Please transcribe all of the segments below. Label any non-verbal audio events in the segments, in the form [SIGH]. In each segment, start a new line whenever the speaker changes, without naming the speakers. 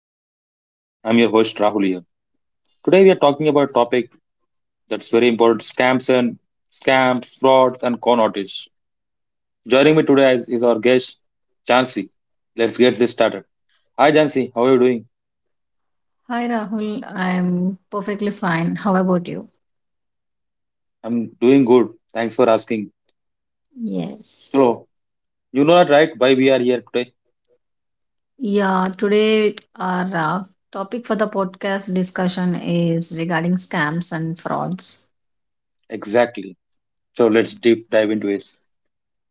Welcome to the podcast. I'm your host Rahul here. Today we are talking about a topic that's very important: scams, frauds and con artists. Joining me today is our guest Jansi. Let's get this started. Hi Jansi, how are you doing?
Hi Rahul, I'm perfectly fine. How about you?
I'm doing good. Thanks for asking.
Yes.
So you know that right why we are here today?
Yeah, today our topic for the podcast discussion is regarding scams and frauds.
Exactly. So let's
Yes.
deep dive into it.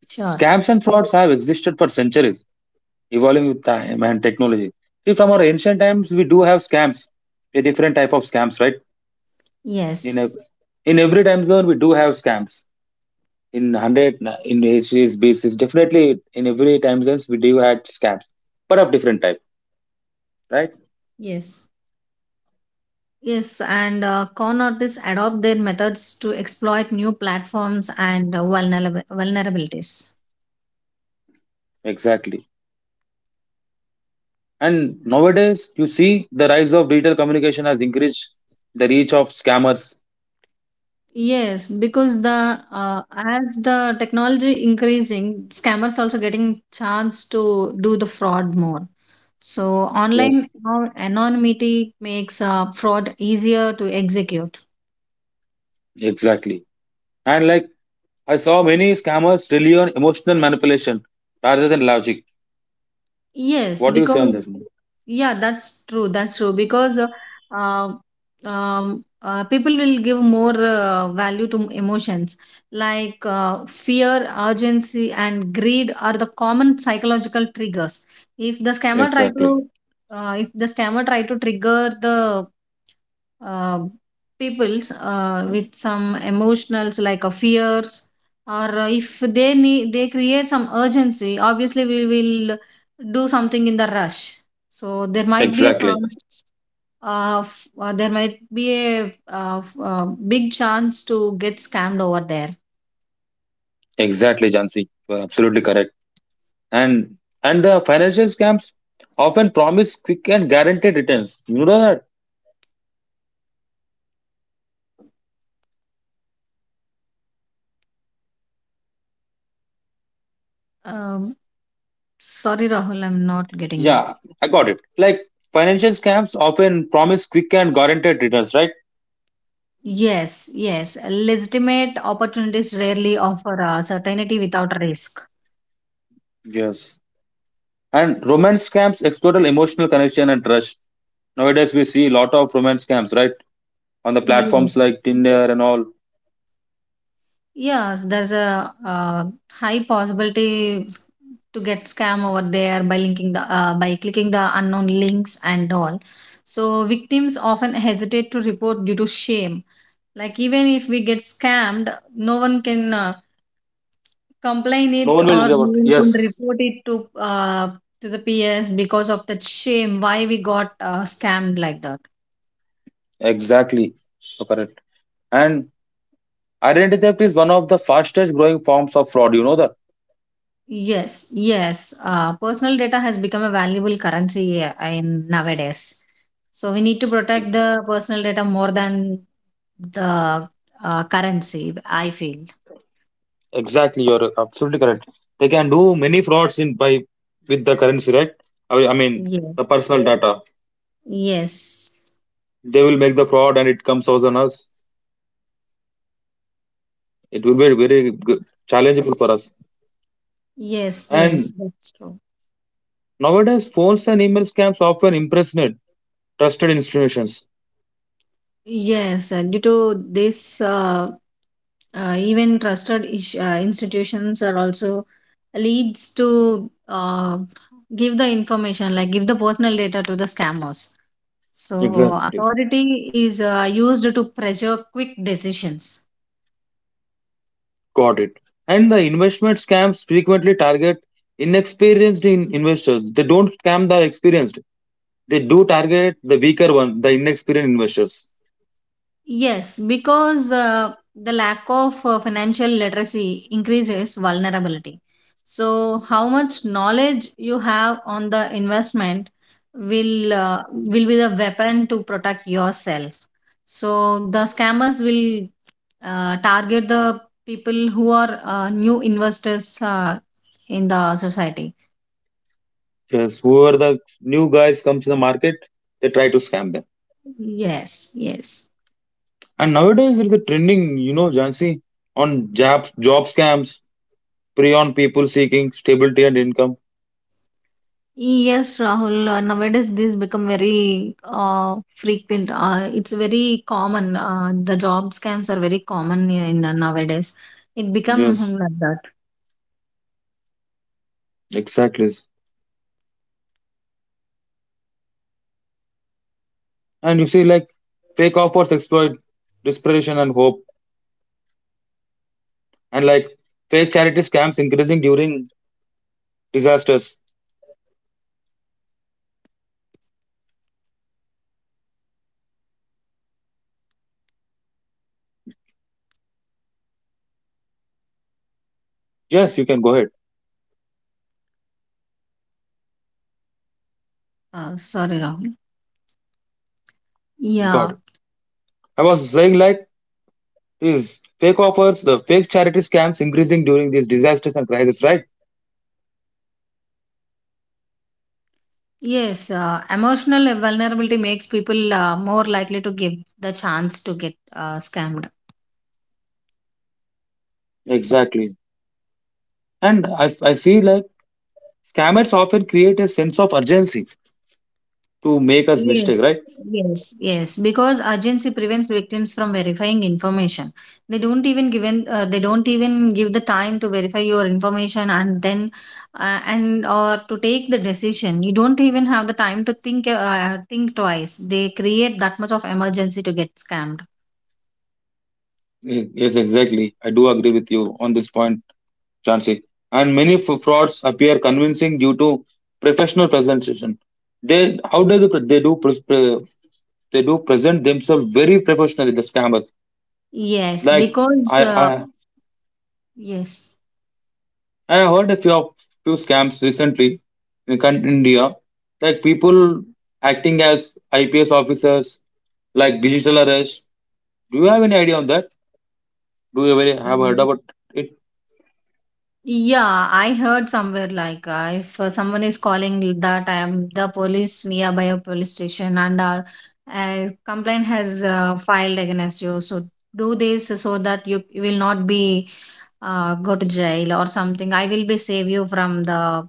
Sure.
Scams and frauds have existed for centuries evolving with time and technology. See, from our ancient times, we do have scams, a different type of scams, right? In a,
Yes.
in every time zone, we do have scams. In hundred, in HCs, BCs, definitely in every time zones, we do have scams, but of different type, right?
Yes. Yes, and con artists adopt their methods to exploit new platforms and vulnerabilities.
Exactly. And nowadays, you see the rise of digital communication has increased the reach of scammers.
Yes, because the as the technology increasing, scammers also getting chance to do the fraud more. So online
Yes,
anonymity makes fraud easier to execute.
exactly. And like I saw many scammers rely on emotional manipulation rather than logic.
Yes,
What do you say on
because
that?
yeah, that's true. That's true because uh, people will give more value to emotions like fear, urgency, and greed are the common psychological triggers. If the scammer try
Exactly.
to, If the scammer try to trigger the uh, peoples with some emotionals like a fears or if they need, they create some urgency. Obviously we will do something in the rush, so there might be a
Exactly.
chance of there might be a uh, f- uh, big chance to get scammed over there.
Exactly, Jansi. You are absolutely correct. And the financial scams often promise quick and guaranteed returns. You know that?
um, Sorry Rahul, I'm not getting.
Yeah, I got it. Like financial scams often promise quick and guaranteed returns, right?
Yes. Legitimate opportunities rarely offer a certainty without risk.
Yes. And romance scams exploit emotional connection and trust. Nowadays we see a lot of romance scams, right? On the
Yes.
platforms like Tinder and all.
Yes, there's a high possibility to get scam over there by linking the by clicking the unknown links and all. So victims often hesitate to report due to shame. Like even if we get scammed, no one can complain
No
it
one will
or
give
no
out.
one
Yes.
can report it to the PS because of that shame. Why we got scammed like that.
Exactly. So correct. And identity theft is one of the fastest growing forms of fraud. You know that
Yes. Personal data has become a valuable currency in nowadays. So we need to protect the personal data more than the currency, I feel.
exactly. You're absolutely correct. They can do many frauds in by with the currency, right? I mean,
Yeah.
the personal data.
Yes.
They will make the fraud, and it comes out on us. It will be very challengeable for us.
Yes. Yes,
And
that's true.
nowadays, phones and email scams often impersonate trusted institutions.
Yes. Due to this, even trusted ish, institutions are also leads to give the information, like give the personal data to the scammers. So,
Exactly,
authority is used to pressure quick decisions.
got it. And the investment scams frequently target inexperienced in investors. They don't scam the experienced. They do target the weaker one, the inexperienced investors.
Yes, because the lack of financial literacy increases vulnerability. So, how much knowledge you have on the investment will be the weapon to protect yourself. So, the scammers will target the people who are new investors in the society.
Because whoever the new guys comes in the market, they try to scam them.
Yes, yes.
And nowadays there is a trending, you know, Jansi, on job scams, prey on people seeking stability and income.
Yes, Rahul. Nowadays, this become very frequent. It's very common. The job scams are very common in nowadays. It become
Yes,
like that.
exactly. And you see like fake offers exploit desperation and hope. And like fake charity scams increasing during disasters. Yes, you can go ahead.
Sorry, Rahul. Yeah.
God. I was saying like is fake offers, the fake charity scams increasing during these disasters and crises, right?
Yes. Emotional vulnerability makes people more likely to give the chance to get scammed.
Exactly. And I see like scammers often create a sense of urgency to make us
Yes,
mistake, right?
yes. Because urgency prevents victims from verifying information. They don't even give the time to verify your information and then and or to take the decision. You don't even have the time to think twice. They create that much of emergency to get scammed.
Yes, exactly. I do agree with you on this point, Chansey. And many frauds appear convincing due to professional presentation. They how does the, pre- they do pres- pre- They do present themselves very professionally, the scammers.
Yes,
Like
because
I,
uh,
I
yes.
I have heard a few scams recently in India, like people acting as IPS officers, like digital arrest. Do you have any idea on that? Do you ever have heard about it?
Yeah, I heard somewhere like if someone is calling that I am the police nearby a police station and a complaint has filed against you, so do this so that you will not be go to jail or something. I will be save you from the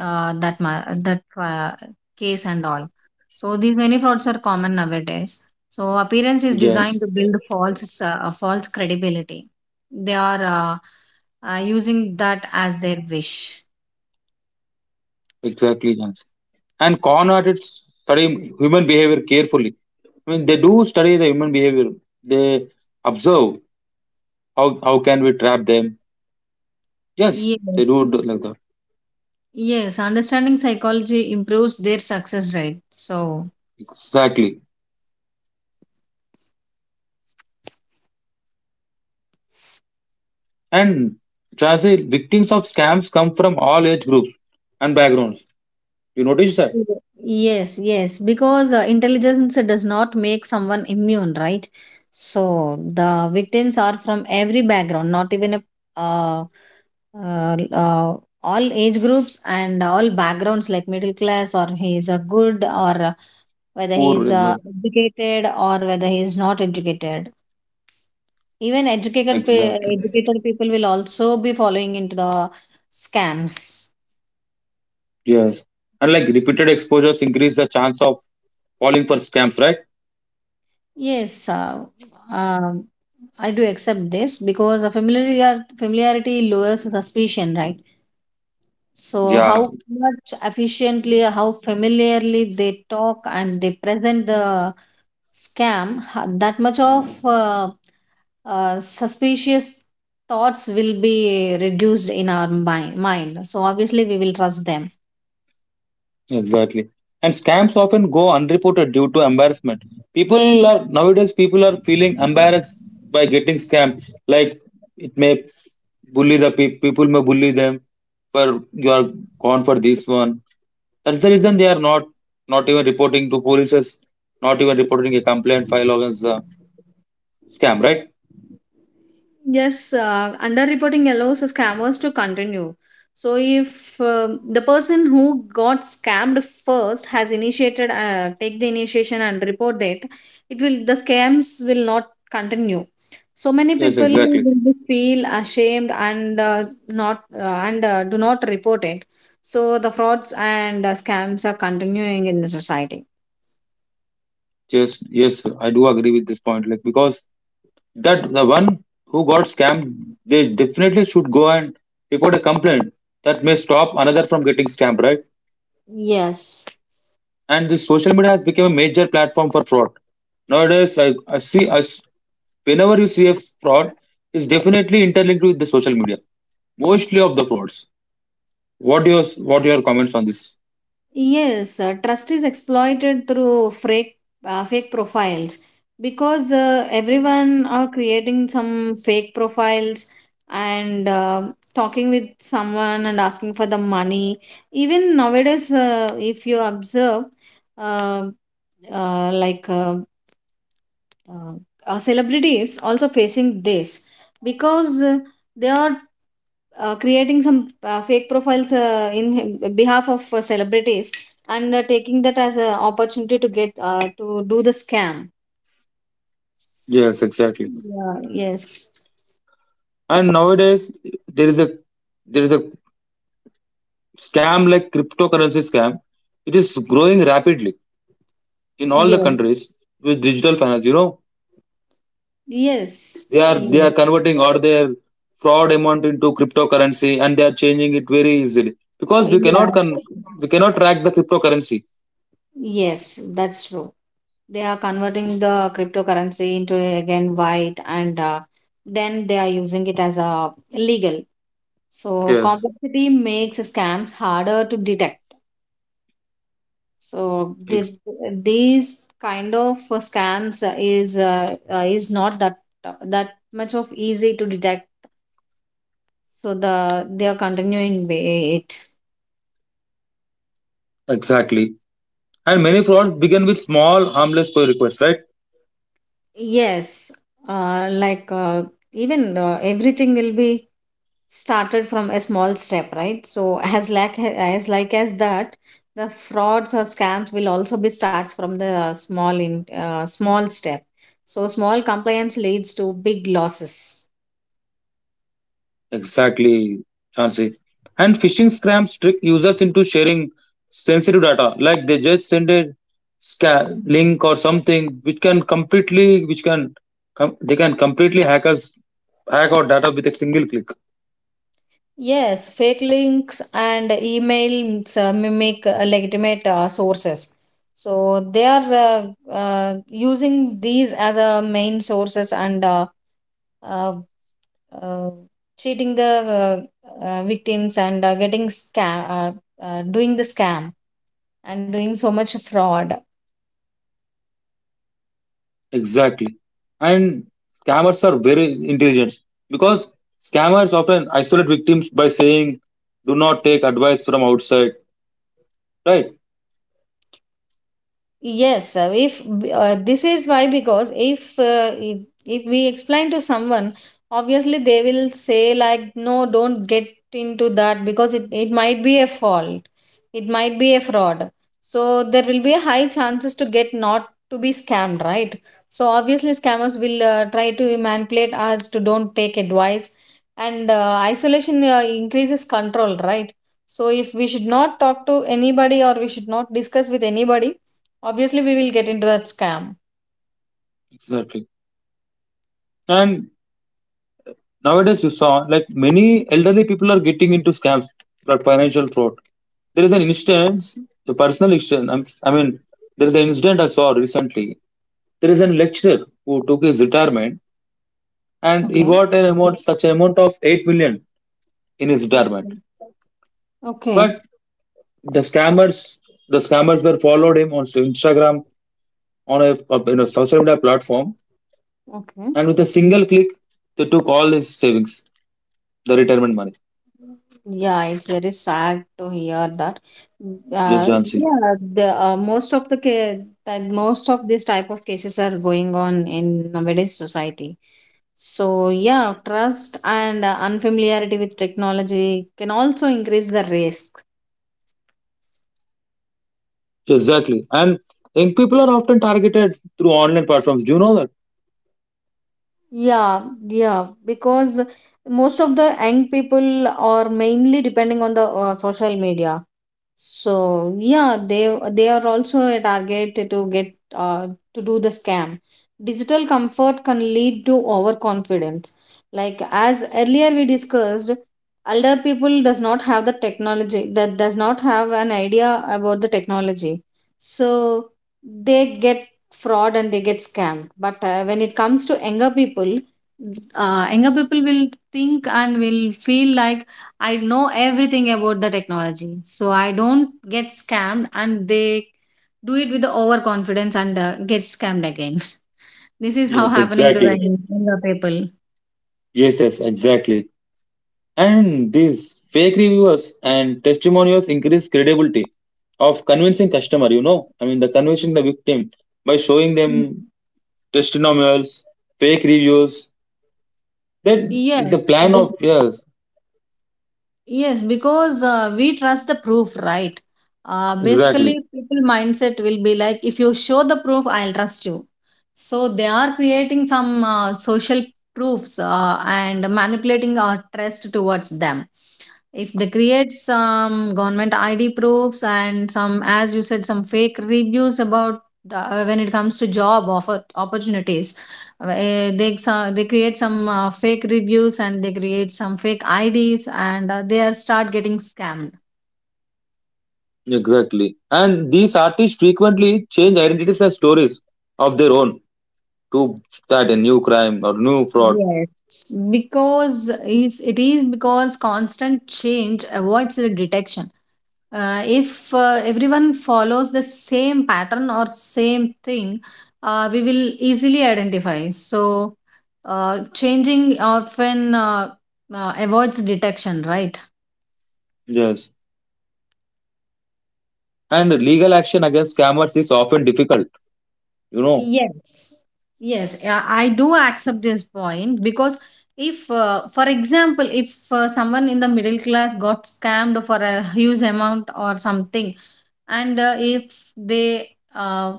that ma- that case and all. So these many frauds are common nowadays. So appearance is
Yes,
designed to build false false credibility. They are. Using that as their wish.
exactly, yes. And con artists study human behavior carefully. I mean, they do study the human behavior. They observe how can we trap them. Yes, they
Yes,
do like that.
yes, understanding psychology improves their success rate. So,
Exactly. And Chelsea, victims of scams come from all age groups and backgrounds. You notice that?
yes, yes, because intelligence does not make someone immune, right? So, the victims are from every background, not even a uh, uh, uh, all age groups and all backgrounds like middle class or he is a good or whether he
Poor,
is educated or whether he is not educated. Even
exactly.
educated people will also be following into the scams.
Yes. And like repeated exposures increase the chance of falling for scams, right?
Yes, um, I do accept this because a familiarity lowers suspicion, right? So
Yeah,
how much efficiently, how familiarly they talk and they present the scam, that much of suspicious thoughts will be reduced in our mind. Mind. So obviously we will trust them.
exactly. And scams often go unreported due to embarrassment. People are nowadays people are feeling embarrassed by getting scammed. Like it may bully the people may bully them for you are gone for this one. That's the reason they are not even reporting to police, not even reporting a complaint file against the scam, right?
Yes, underreporting allows scammers to continue. So, if the person who got scammed first has initiated, take the initiation and report that, it will the scams will not continue. So many
Yes,
people
exactly.
will be feel ashamed and not and do not report it. So the frauds and scams are continuing in the society.
Yes, yes, I do agree with this point. Like because that the one who got scammed, they definitely should go and report a complaint. That may stop another from getting scammed, right?
Yes.
And the social media has become a major platform for fraud. Nowadays, like I see, I, whenever you see a fraud, is definitely interlinked with the social media. Mostly of the frauds. What your what your comments on this?
Yes, trust is exploited through fake profiles, because everyone are creating some fake profiles and talking with someone and asking for the money. Even nowadays, if you observe, uh, uh, like uh, uh, celebrities also facing this because they are creating some fake profiles in behalf of celebrities and taking that as an opportunity to get to do the scam.
Yes, exactly.
yeah yes
And nowadays there is a there is a scam like cryptocurrency scam. It is growing rapidly in all the
yeah
countries with digital finance. You know
yes
they are they
yeah,
are converting all their fraud amount into cryptocurrency and they are changing it very easily because
yeah.
we cannot track the cryptocurrency.
Yes that's true. They are converting the cryptocurrency into again white and then they are using it as a legal. So
Yes,
complexity makes scams harder to detect. So did
ex-
these kind of scams is not that that much of easy to detect, so the they are continuing way it.
exactly. And many frauds begin with small harmless pull requests, right?
Yes, like even everything will be started from a small step, right? So [LAUGHS] as that the frauds or scams will also be starts from the small in small step. So small compliance leads to big losses.
Exactly, Chansey. And phishing scams trick users into sharing sensitive data, like they just send a link or something, which can completely, they can completely hack our data with a single click.
Yes, fake links and emails mimic legitimate sources. So they are using these as a main sources and uh, uh, cheating the victims and getting scam, doing the scam and doing so much fraud.
Exactly. And scammers are very intelligent because scammers often isolate victims by saying, "Do not take advice from outside." Right?
Yes, if this is why because if we explain to someone, obviously they will say like no, don't get into that because it might be a fault, it might be a fraud. So there will be a high chances to get not to be scammed, right? So obviously scammers will try to manipulate us to don't take advice, and isolation increases control, right? So if we should not talk to anybody or we should not discuss with anybody, obviously, we will get into that scam.
Exactly. And nowadays, you saw like many elderly people are getting into scams, like financial fraud. There is an instance, a personal instance. I mean, there is an incident I saw recently. There is a lecturer who took his retirement and he
Okay,
got an amount, such an amount of 8 million in his retirement.
okay, okay,
But the scammers, the scammers were followed him on Instagram, on a social media platform,
okay.
and with a single click, they took all his savings, the retirement money.
Yeah, it's very sad to hear that. Mm,
Just
Uh,
Jansi.
yeah, the most of the ca- that most of these type of cases are going on in nowadays society. So yeah, trust and unfamiliarity with technology can also increase the risk.
Exactly. And young people are often targeted through online platforms. Do you know that?
Yeah, yeah, because most of the young people are mainly depending on the social media. So yeah, they are also a target to get to do the scam. Digital comfort can lead to overconfidence. Like as earlier we discussed, elder people does not have the technology, that does not have an idea about the technology. So they get fraud and they get scammed. But when it comes to younger people will think and will feel like I know everything about the technology, so I don't get scammed, and they do it with the overconfidence and get scammed again. [LAUGHS] This is how
Yes,
happening to
exactly.
the younger people.
Yes, yes, exactly. And these fake reviewers and testimonials increase credibility of convincing customer, you know. I mean, the convincing the victim by showing them testimonials, fake reviews. That is the
Yes,
plan of, yes,
yes, because we trust the proof, right?
exactly,
Basically, people mindset will be like, if you show the proof, I'll trust you. So they are creating some social proofs and manipulating our trust towards them. If they create some government ID proofs and some, as you said, some fake reviews about the, when it comes to job offer opportunities, eh, they create some fake reviews and they create some fake IDs and they are start getting scammed.
exactly. And these artists frequently change identities and stories of their own to start a new crime or new fraud.
Yes, because is it is because constant change avoids the detection. If Everyone follows the same pattern or same thing, we will easily identify. So changing often avoids detection, right?
Yes. And legal action against scammers is often difficult, you know.
Yes, yes, yeah, I do accept this point because if, for example, if someone in the middle class got scammed for a huge amount or something, and if they uh,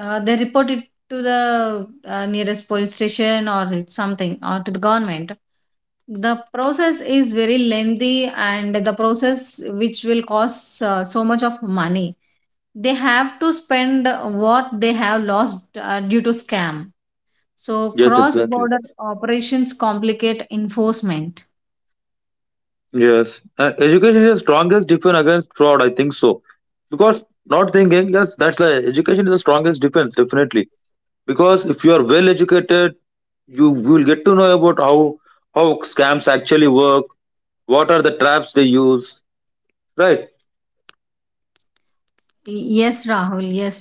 they report it to the nearest police station or it's something or to the government, the process is very lengthy and the process which will cost so much of money they have to spend what they have lost due to scam. So
Yes,
cross
exactly.
border operations complicate enforcement.
Yes. Education is the strongest defense against fraud, I think so. Because not thinking, yes, that's a, education is the strongest defense, definitely. Because if you are well educated, you will get to know about how scams actually work, what are the traps they use, right?
Yes, Rahul, yes,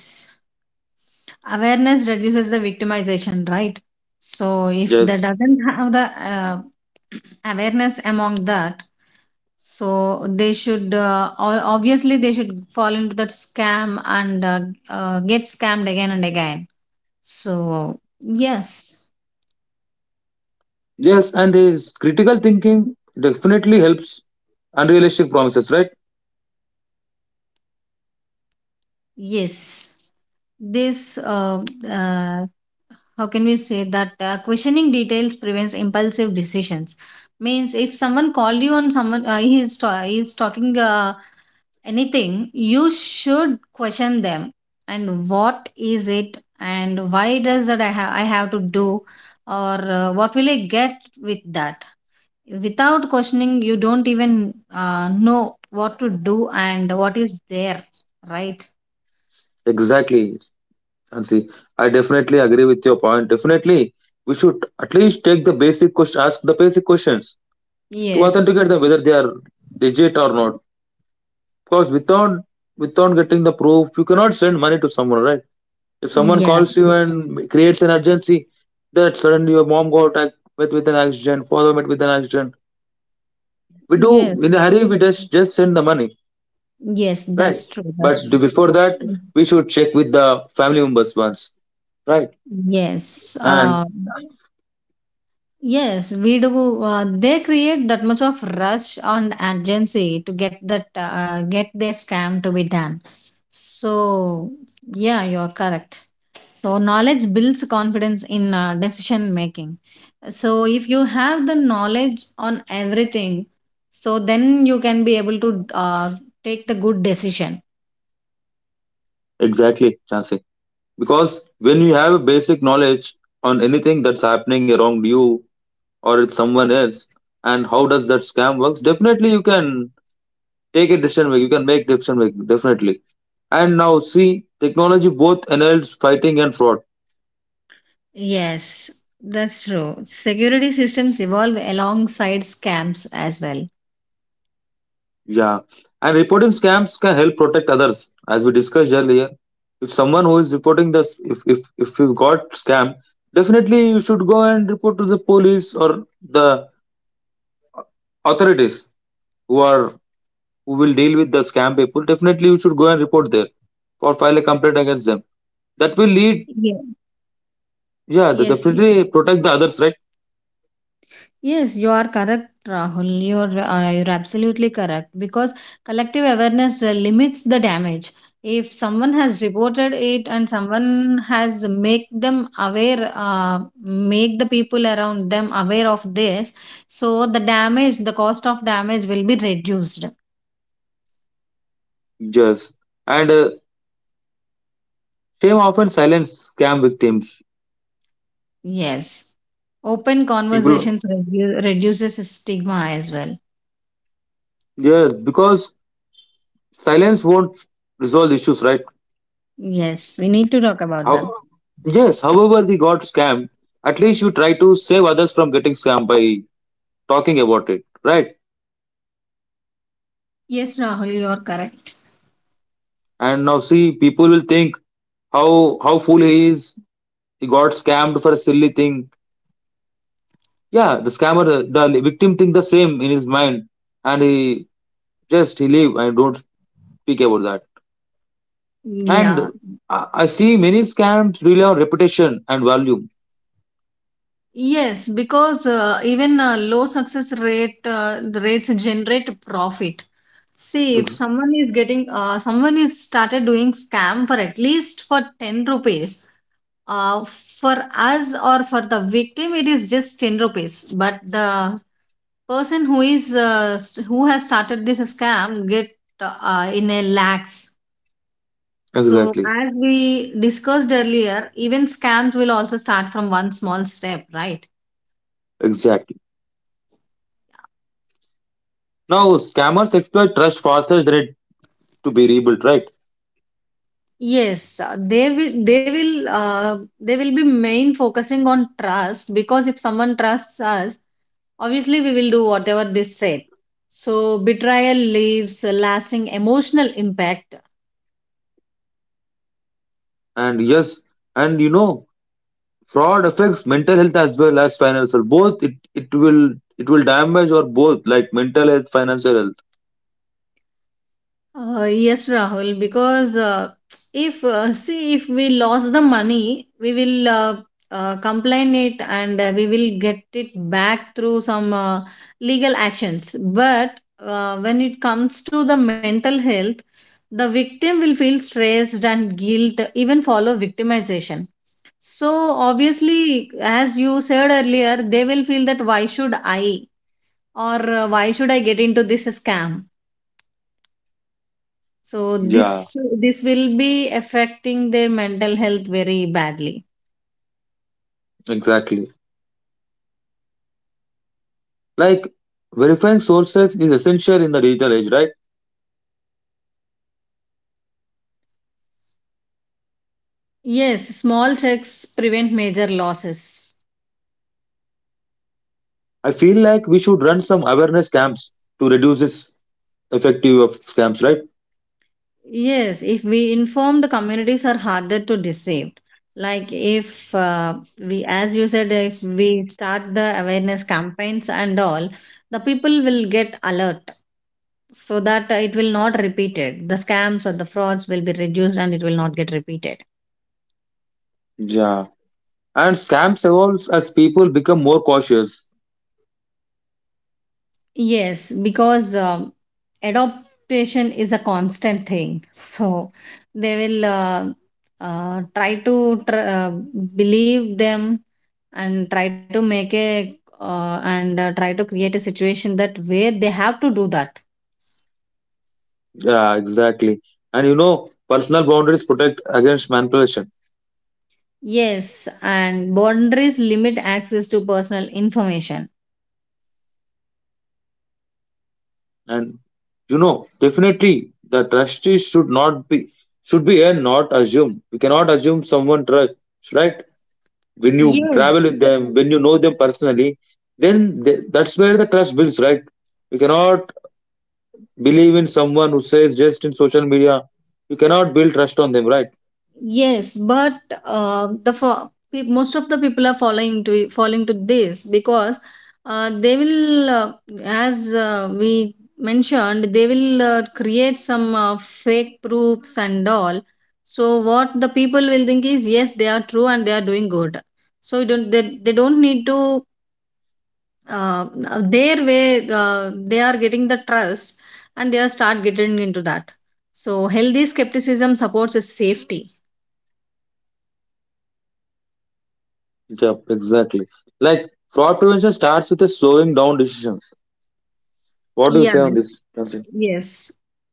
awareness reduces the victimization, right? So if they
Yes.
doesn't have the awareness among that, so they should obviously they should fall into that scam and get scammed again and again. So yes.
Yes, and his critical thinking definitely helps unrealistic promises, right?
Yes, this uh, how can we say that, questioning details prevents impulsive decisions. Means if someone called you and someone he is talking anything, you should question them. And what is it? And why does that I have to do? Or what will I get with that? Without questioning, you don't even know what to do and what is there, right?
Exactly. And see, I definitely agree with your point. Definitely, we should at least take the basic question, ask the basic questions to
Yes.
authenticate them whether they are legit or not. Because without getting the proof, you cannot send money to someone, right? If someone
Yeah,
calls you and creates an urgency, that suddenly your mom got met with an accident, father met with an accident. We
yes,
do in a hurry. We just send the money,
yes,
right?
that's true. That's
But
true.
before that,
Mm.
we should check with the family members once, right?
Yes,
And
yes, we do. They create that much of rush on agency to get that get their scam to be done. So yeah, you're correct. So knowledge builds confidence in decision making. So if you have the knowledge on everything, so then you can be able to take the good decision.
exactly, Chansey. Because when you have a basic knowledge on anything that's happening around you or it's someone else, and how does that scam works, definitely you can take a decision make. You can make decision make definitely. And now see, technology both enables fighting and fraud.
Yes, that's true. Security systems evolve alongside scams as well.
Yeah, and reporting scams can help protect others, as we discussed earlier. If someone who is reporting this, if you got scam, definitely you should go and report to the police or the authorities who are who will deal with the scam people, definitely you should go and report there or file a complaint against them. That will lead,
Yeah.
yeah, the
Yes, y-
definitely protect the others, right?
yes, you are correct, Rahul. You're absolutely correct because collective awareness limits the damage. If someone has reported it and someone has make them aware, make the people around them aware of this, so the damage, the cost of damage will be reduced.
Yes. And shame often silence scam victims.
Yes. Open
People,
conversations reduces stigma as well.
yes, because silence won't resolve issues, right?
Yes, we need to talk about that.
How? Yes. However, we got scammed. At least you try to save others from getting scammed by talking about it, right?
Yes, Rahul, you are correct.
And now see, people will think how fool he is. He got scammed for a silly thing. Yeah, the scammer, the victim think the same in his mind, and he just he leave and don't speak about that. And
Yeah.
I see many scams rely on reputation and value.
Yes, because even low success rate the rates generate profit. See, if
Ex-
someone is getting someone is started doing scam for at least for 10 rupees. For us or for the victim, it is just 10 rupees. But the person who is who has started this scam get in a lakhs, so
exactly,
as we discussed earlier, even scams will also start from one small step, right?
exactly. Now scammers exploit trust faster than it to be rebuilt, right?
Yes, they will they will be main focusing on trust because if someone trusts us, obviously we will do whatever they said. So betrayal leaves a lasting emotional impact.
And yes, and you know fraud affects mental health as well as financial. Both it will damage or both like mental health, financial health.
Yes, Rahul, because if see if we lost the money, we will complain it and we will get it back through some legal actions. But when it comes to the mental health, the victim will feel stressed and guilt, even follow victimization. So obviously, as you said earlier, they will feel that why should I or why should I get into this scam? So
Yeah,
this this will be affecting their mental health very badly.
exactly. Like verifying sources is essential in the digital age, right?
Yes, small checks prevent major losses.
I feel like we should run some awareness camps to reduce this effective of scams, right?
Yes, if we inform, the communities are harder to deceive. Like if we, as you said, if we start the awareness campaigns and all, the people will get alert, so that it will not repeated the scams, or the frauds will be reduced and it will not get repeated.
Yeah. And scams evolve as people become more cautious.
Yes, because adaptation is a constant thing. [LAUGHS] So they will try to believe them and try to make a and try to create a situation that where they have to do that.
Yeah, exactly. And you know, personal boundaries protect against manipulation.
Yes, and boundaries limit access to personal information.
And you know, definitely the trust is should not be should be earned, not assumed. We cannot assume someone trust, right? When you travel
Yes.
with them, when you know them personally, then that's where the trust builds, right? You cannot believe in someone who says just in social media. You cannot build trust on them, right?
Yes, but the most of the people are falling to this because they will, as we mentioned, they will create some fake proofs and all. So what the people will think is yes, they are true and they are doing good. So you don't, they don't need to, uh, their way they are getting the trust and they are start getting into that. So healthy skepticism supports a safety.
Yeah, exactly. Like fraud prevention starts with a slowing down decisions. What do you
Yeah.
say on this? Nancy?
Yes.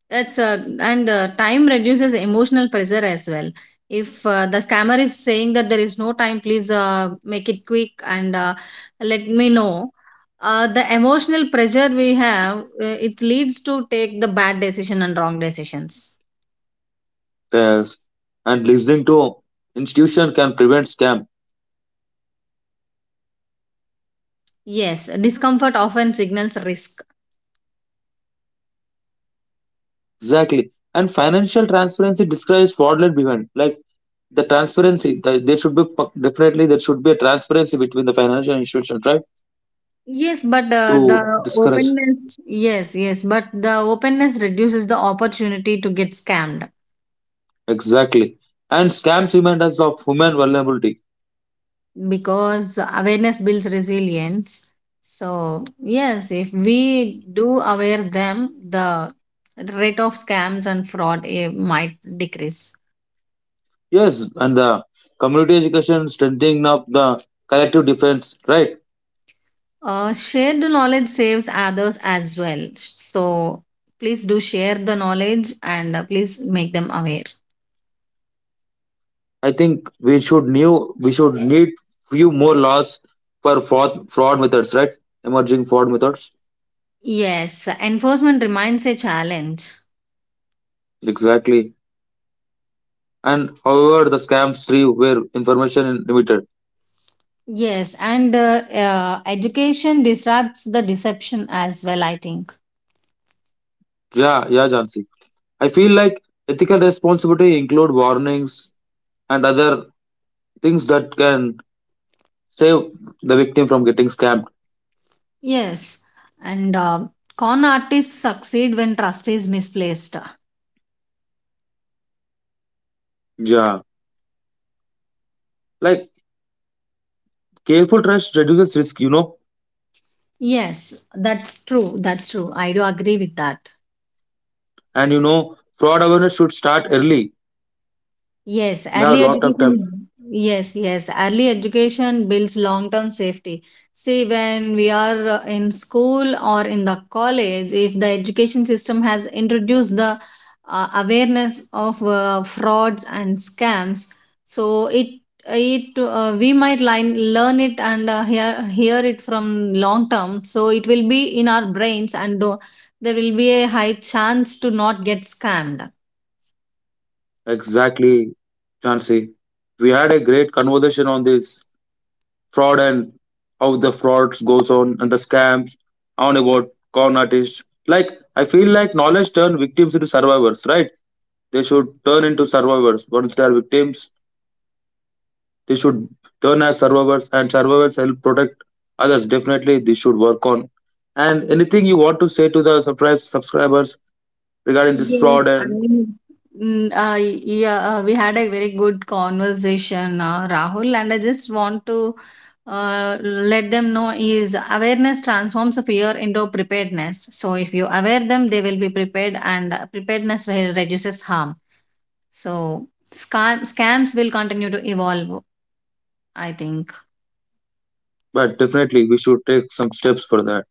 That's and time reduces emotional pressure as well. If the scammer is saying that there is no time, please make it quick and let me know. The emotional pressure we have, it leads to take the bad decision and wrong decisions.
Yes. And listening to institution can prevent scam.
Yes, discomfort often signals risk.
Exactly. And financial transparency describes fraudulent behavior. Like the transparency, the, there should be pu- definitely there should be a transparency between the financial institutions, right?
Yes, but
To
the
discourage.
openness. Yes, yes, but the openness reduces the opportunity to get scammed.
Exactly. And scams remind us of human vulnerability.
Because awareness builds resilience. So yes, if we do aware them, the rate of scams and fraud might decrease.
Yes, and the community education strengthening of the collective defense, right?
Uh, shared knowledge saves others as well, so please do share the knowledge and please make them aware.
I think we should need few more laws for fraud methods, right? Emerging fraud methods.
Yes, enforcement remains a challenge.
Exactly. And however the scams thrive where information is limited.
Yes, and education disrupts the deception as well, I think.
Yeah, yeah, Jansi. I feel like ethical responsibility include warnings and other things that can save the victim from getting scammed.
Yes, and con artists succeed when trust is misplaced.
Yeah. Like careful trust reduces risk, you know.
Yes, that's true. That's true. I do agree with that.
And you know, fraud awareness should start early.
Yes,
We have
early
a lot of time.
education. Yes, yes, early education builds long term safety. See, when we are in school or in the college, if the education system has introduced the awareness of frauds and scams, so it we might learn it and hear it from long term. So it will be in our brains, and there will be a high chance to not get scammed.
Exactly, Chansey. We had a great conversation on this fraud and how the frauds goes on and the scams on about con artists. Like I feel like knowledge turn victims into survivors, right? They should turn into survivors once they are victims. They should turn as survivors, and survivors help protect others. Definitely, this should work on. And anything you want to say to the subscribers regarding this fraud,
Yes, I
and
mean, mm, uh, yeah, we had a very good conversation, Rahul, and I just want to let them know is awareness transforms a fear into preparedness. So if you aware them, they will be prepared, and preparedness will reduces harm. So scams will continue to evolve, I think.
but definitely we should take some steps for that.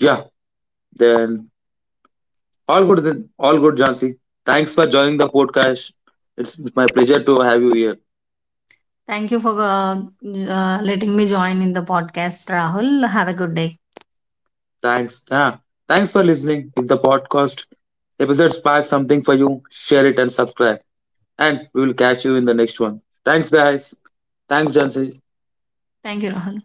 Yeah, then all good. Then all good, Jansi. Thanks for joining the podcast. It's my pleasure to have you here.
Thank you for letting me join in the podcast, Rahul. Have a good day.
Thanks. Yeah, thanks for listening. If the podcast episode sparks something for you, share it and subscribe. And we will catch you in the next one. Thanks, guys. Thanks, Jansi.
Thank you, Rahul.